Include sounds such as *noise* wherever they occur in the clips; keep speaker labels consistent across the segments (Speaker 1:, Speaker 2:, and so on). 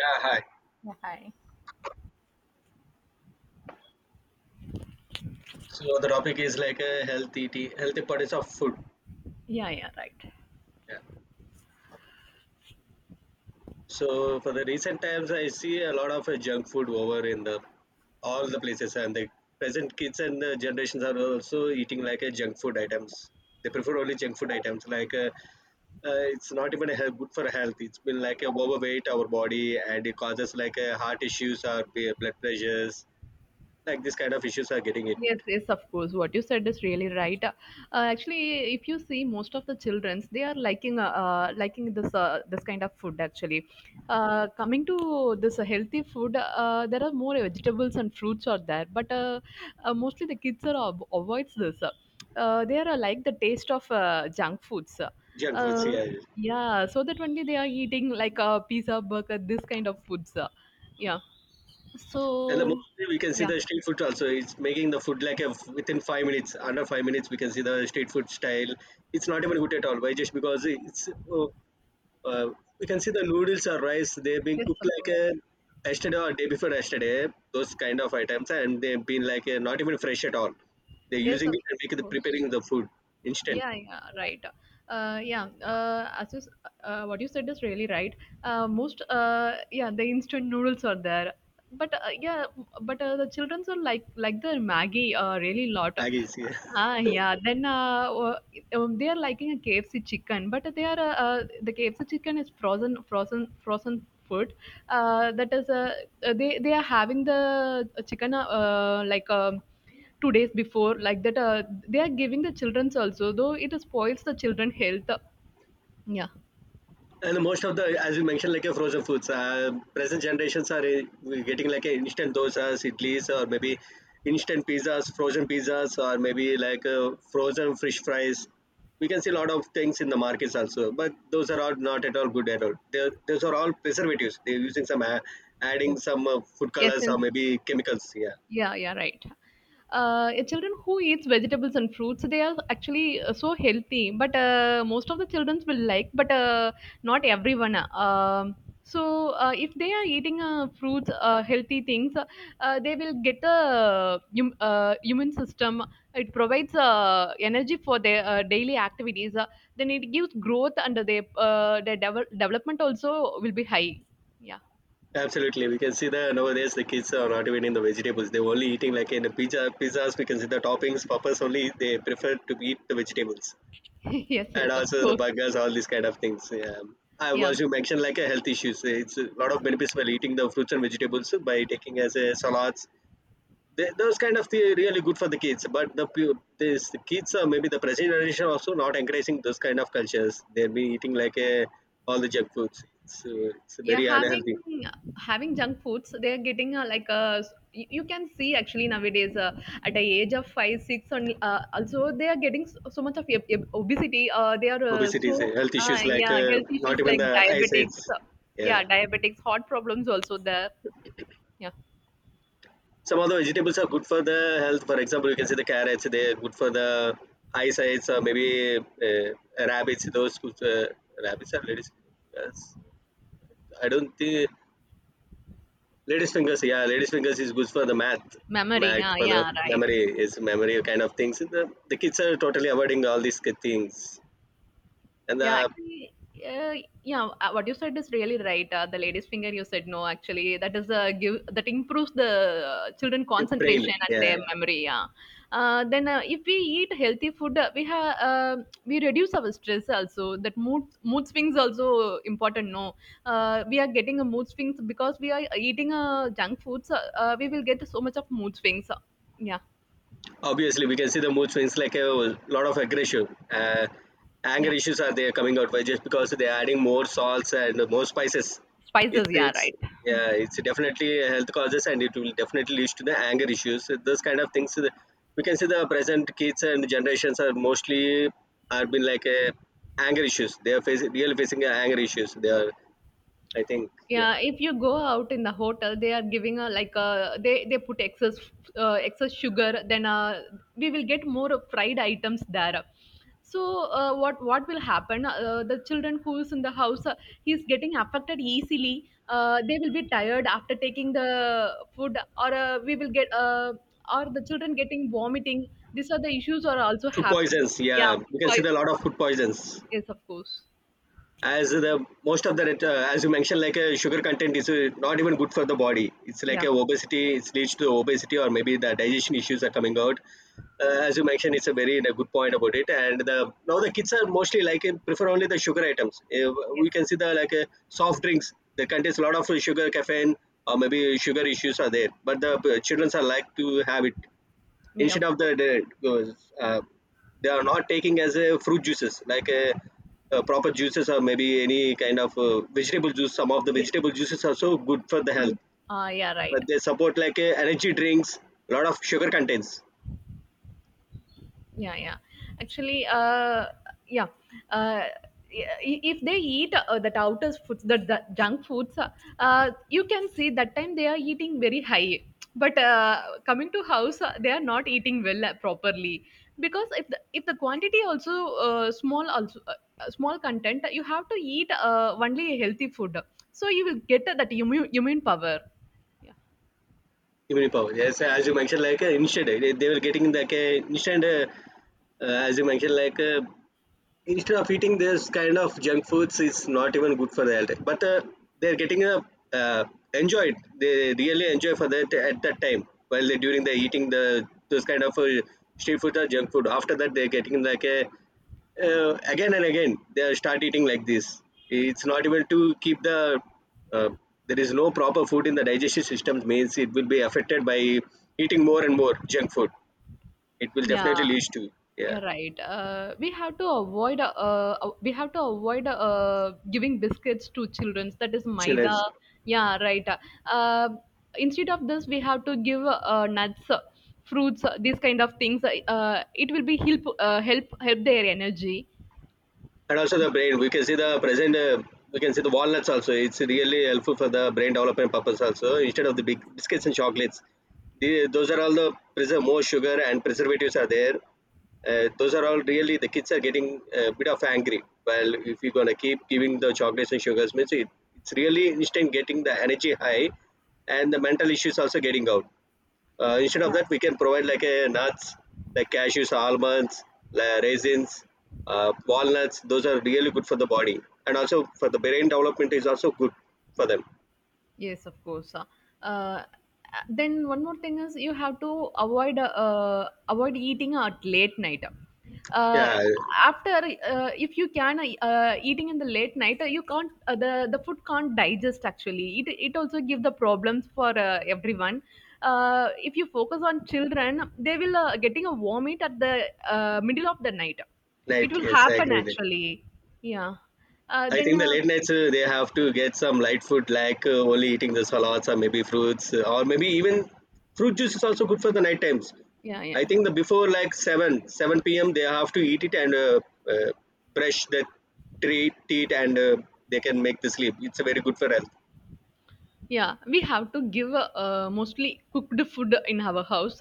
Speaker 1: Yeah, hi.
Speaker 2: Yeah, hi.
Speaker 1: So the topic is like a healthy eating, healthy products of food.
Speaker 2: Yeah, yeah, right.
Speaker 1: Yeah. So for the recent times, I see a lot of junk food over in the all the places, and the present kids and the generations are also eating like a junk food items. They prefer only junk food items. Like it's not even a health, good for health. It's been like a overweight our body, and it causes like a heart issues or blood pressures. Like this kind of issues are getting it.
Speaker 2: Yes, yes, of course. What you said is really right. Actually, if you see most of the childrens, they are liking liking this kind of food. Actually, coming to this healthy food, there are more vegetables and fruits are there, but mostly the kids are avoids this. They are like the taste of junk foods.
Speaker 1: Junk foods,
Speaker 2: Uh,
Speaker 1: yeah.
Speaker 2: yeah, so that only they are eating like a pizza, burger, this kind of foods. Yeah.
Speaker 1: And the
Speaker 2: So.
Speaker 1: mostly we can see
Speaker 2: Yeah.
Speaker 1: the street food also. It's making the food like a, within 5 minutes, under 5 minutes, we can see the street food style. It's not even good at all. Why? Just because it's uh, we can see the noodles or rice. They've been
Speaker 2: Yes,
Speaker 1: cooked
Speaker 2: of
Speaker 1: like a
Speaker 2: course.
Speaker 1: yesterday or day before yesterday. Those kind of items, and they've been like a not even fresh at all. They're
Speaker 2: Yes,
Speaker 1: using
Speaker 2: of
Speaker 1: it and making the
Speaker 2: course.
Speaker 1: preparing the food instant.
Speaker 2: Yeah, yeah, right. Yeah, what you said is really right. Yeah, the instant noodles are there. But yeah, but the children will like the Maggie, really lot.
Speaker 1: Maggies, yeah.
Speaker 2: Ah, yeah. Then they are liking a KFC chicken, but the KFC chicken is frozen food. Uh, that is, uh, they are having the chicken, like 2 days before, like that. They are giving the childrens also, though it spoils the children health. Yeah.
Speaker 1: And most of the, as you mentioned, like a frozen foods, present generations are getting like a instant dosas, idlis, or maybe instant pizzas, frozen pizzas, or maybe like frozen fish fries. We can see a lot of things in the markets also, but those are all not at all good at all. They're, those are all preservatives. They're using some,
Speaker 2: Yes.
Speaker 1: adding some food
Speaker 2: Yes.
Speaker 1: colors or maybe chemicals. Yeah,
Speaker 2: Yeah, yeah, right. Yeah, children who eats vegetables and fruits, they are actually so healthy. But most of the children will like, but not everyone. So if they are eating fruits, healthy things, they will get the human system. It provides energy for their daily activities. Then it gives growth, and their development also will be high. Yeah.
Speaker 1: absolutely. We can see that nowadays the kids are not even in the vegetables. They're only eating like in the pizza, pizzas. We can see the toppings, poppers only. They prefer to eat the vegetables
Speaker 2: *laughs* Yes,
Speaker 1: and
Speaker 2: yes, of
Speaker 1: also the
Speaker 2: course.
Speaker 1: buggers, all these kind of things. Yeah. I
Speaker 2: Yeah.
Speaker 1: was you mentioned like a health issues. It's a lot of benefits while eating the fruits and vegetables by taking as a salads. They, those kind of the really good for the kids. But the this the kids are maybe the present generation also not encouraging those kind of cultures. They'll be eating like a, all the junk foods. It's
Speaker 2: Yeah,
Speaker 1: very unhealthy.
Speaker 2: having junk foods, they're getting like a. You can see actually nowadays, at the age of five, six, and also they are getting so much of obesity. They are
Speaker 1: Obesity, is a
Speaker 2: so,
Speaker 1: health issues like
Speaker 2: yeah, health issues
Speaker 1: not even
Speaker 2: like
Speaker 1: the eyesight.
Speaker 2: diabetics. Yeah,
Speaker 1: Yeah.
Speaker 2: diabetics, heart problems also there. Yeah,
Speaker 1: Some of the vegetables are good for the health, for example you can see the carrots, they're good for the eyesight, or maybe uh, rabbits those good, rabbits are ladies fingers. I don't think ladies fingers, yeah, ladies fingers is good for the math,
Speaker 2: memory.
Speaker 1: math
Speaker 2: Yeah,
Speaker 1: for the
Speaker 2: yeah, right.
Speaker 1: memory, is memory kind of things. The kids are totally avoiding all these things and
Speaker 2: Yeah,
Speaker 1: the
Speaker 2: actually, uh, yeah, what you said is really right. The lady's finger, you said no, actually, that is give that improves the children
Speaker 1: brain,
Speaker 2: concentration and
Speaker 1: yeah.
Speaker 2: their, yeah, memory. Yeah. Then if we eat healthy food, we reduce our stress also. That mood swings also important. No, we are getting a mood swings because we are eating junk foods. We will get so much of mood swings. Yeah,
Speaker 1: Obviously we can see the mood swings like a lot of aggression,
Speaker 2: yeah,
Speaker 1: anger issues are there coming out by just because they're adding more salts and more spices.
Speaker 2: spices.
Speaker 1: it's
Speaker 2: Yeah,
Speaker 1: it's
Speaker 2: right.
Speaker 1: yeah, it's definitely a health causes and it will definitely lead to the anger issues. So those kind of things we can see the present kids and generations are mostly are been like a anger issues they are facing, really facing a anger issues they are, I think. Yeah,
Speaker 2: Yeah, if you go out in the hotel, they are giving a like a they put excess sugar. Then we will get more fried items there. So what will happen? The children who's in the house, he's getting affected easily. They will be tired after taking the food, or we will get or the children getting vomiting. These are the issues are also
Speaker 1: food
Speaker 2: happening.
Speaker 1: poisons,
Speaker 2: Yeah,
Speaker 1: yeah,
Speaker 2: food
Speaker 1: we can see the
Speaker 2: poison.
Speaker 1: lot of food poisons
Speaker 2: Yes, of course.
Speaker 1: as the most of the as you mentioned like a sugar content is not even good for the body. It's like
Speaker 2: Yeah.
Speaker 1: a obesity, it leads to obesity or maybe the digestion issues are coming out. As you mentioned, it's a very a good point about it. And the now the kids are mostly like prefer only the sugar items.
Speaker 2: Yes.
Speaker 1: We can see the like soft drinks, they contains a lot of sugar, caffeine or maybe sugar issues are there, but the children are like to have it
Speaker 2: Yeah,
Speaker 1: instead
Speaker 2: of
Speaker 1: of the,
Speaker 2: course.
Speaker 1: they are not taking as a fruit juices like a, proper juices or maybe any kind of vegetable juice. Some of the
Speaker 2: Yes.
Speaker 1: vegetable juices are so good for the health,
Speaker 2: Fruit. Ah, yeah, right.
Speaker 1: but they support like energy drinks, a lot of sugar contains.
Speaker 2: Yeah, yeah, actually, yeah, uh if they eat, that outer foods, that the junk foods, you can see that time they are eating very high, but coming to house, they are not eating well, properly, because if the quantity also, small also, small content you have to eat only a healthy food, so you will get that immune power.
Speaker 1: Immunity power, yes, as you mentioned like instead they were getting like a instant as you mentioned like instead of eating this kind of junk foods, it's not even good for the health, but they're getting a uh, enjoyed. They really enjoy for that at that time while they during the eating the those kind of street food or junk food. After that, they're getting like a again and again they start eating like this. It's not even to keep the uh, there is no proper food in the digestive system means it will be affected by eating more and more junk food. It will definitely
Speaker 2: Yeah.
Speaker 1: lead to, yeah,
Speaker 2: Yeah, right. We have to avoid giving biscuits to children. That is maida.
Speaker 1: chillers
Speaker 2: Yeah, right. Uh, Instead of this, we have to give nuts, fruits, these kind of things. It will be help help their energy.
Speaker 1: and also the brain. We can see the present we can see the walnuts also. It's really helpful for the brain development purpose also, instead of the big biscuits and chocolates. The, those are all the preserve more sugar and preservatives are there. Those are all really the kids are getting a bit of angry. Well, if you're going to keep giving the chocolates and sugars means it, it's really instant getting the energy high and the mental issues also getting out. Instead of that, we can provide like a nuts, like cashews, almonds, raisins, walnuts. Those are really good for the body, and also for the brain development is also good for them.
Speaker 2: Yes, of course. Uh, then one more thing is you have to avoid eating at late night. Uh,
Speaker 1: Yeah,
Speaker 2: after If you can, eating in the late night, you can't, the food can't digest actually. It also give the problems for everyone. If you focus on children, they will getting a vomit at the middle of the night.
Speaker 1: right.
Speaker 2: It will
Speaker 1: Yes, I
Speaker 2: happen
Speaker 1: agree with it.
Speaker 2: actually. Yeah.
Speaker 1: I
Speaker 2: Then
Speaker 1: think the late nights they have to get some light food like only eating the salads or maybe fruits or maybe even fruit juice is also good for the night times.
Speaker 2: Yeah,
Speaker 1: I
Speaker 2: yeah,
Speaker 1: think the
Speaker 2: right.
Speaker 1: before like 7 7 p.m. they have to eat it and uh, brush the teeth and they can make the sleep. It's very good for health.
Speaker 2: Yeah, we have to give mostly cooked food in our house,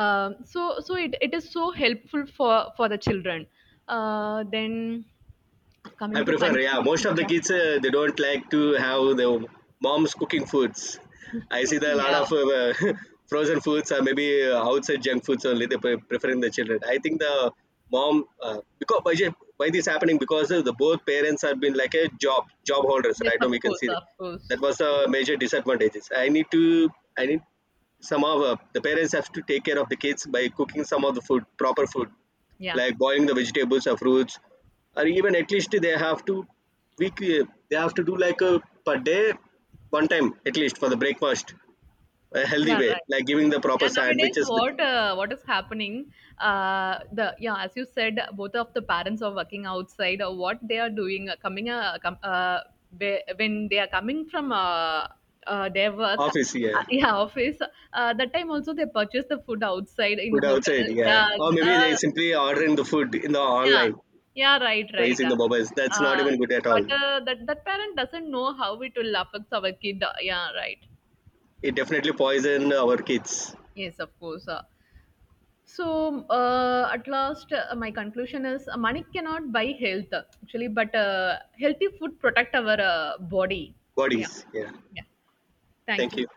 Speaker 2: so it is so helpful for the children. Uh, then coming
Speaker 1: I
Speaker 2: to
Speaker 1: prefer, yeah. Most
Speaker 2: conclusion.
Speaker 1: of the
Speaker 2: Yeah.
Speaker 1: kids they don't like to have their mom's cooking foods. I see
Speaker 2: *laughs*
Speaker 1: that a lot
Speaker 2: Yeah.
Speaker 1: of *laughs* frozen foods or maybe outside junk foods only they preferring the children. I think the mom because why, why this happening because of the both parents have been like a job holders
Speaker 2: Yes,
Speaker 1: right now,
Speaker 2: of
Speaker 1: we can
Speaker 2: course,
Speaker 1: see
Speaker 2: of course.
Speaker 1: that was the major disadvantages. I need some of the parents have to take care of the kids by cooking some of the food, proper food
Speaker 2: Yeah,
Speaker 1: like boiling the vegetables or fruits, or even at least they have to weekly they have to do like a per day one time at least for the breakfast, a healthy
Speaker 2: yeah,
Speaker 1: way
Speaker 2: right.
Speaker 1: like giving the
Speaker 2: Yeah,
Speaker 1: proper
Speaker 2: nowadays,
Speaker 1: sandwiches with
Speaker 2: what is happening? The Yeah, as you said, both of the parents are working outside. What they are doing, when they are coming from their work,
Speaker 1: office, yeah,
Speaker 2: *laughs* yeah, office. That time also they purchase the food outside in
Speaker 1: food
Speaker 2: hotel.
Speaker 1: outside, yeah,
Speaker 2: Yeah,
Speaker 1: or maybe they
Speaker 2: uh,
Speaker 1: simply ordering the food in the
Speaker 2: yeah,
Speaker 1: online
Speaker 2: yeah, right,
Speaker 1: by
Speaker 2: right.
Speaker 1: using the mobiles. That's not
Speaker 2: Uh,
Speaker 1: even good at
Speaker 2: but
Speaker 1: all.
Speaker 2: that parent doesn't know how it will affect our kid. Yeah, right.
Speaker 1: It definitely poison our kids
Speaker 2: Yes, of course. So, at last, my conclusion is, money cannot buy health actually, but healthy food protect our body. Yeah,
Speaker 1: bodies. Yeah,
Speaker 2: yeah. Thank
Speaker 1: thank
Speaker 2: you.
Speaker 1: you.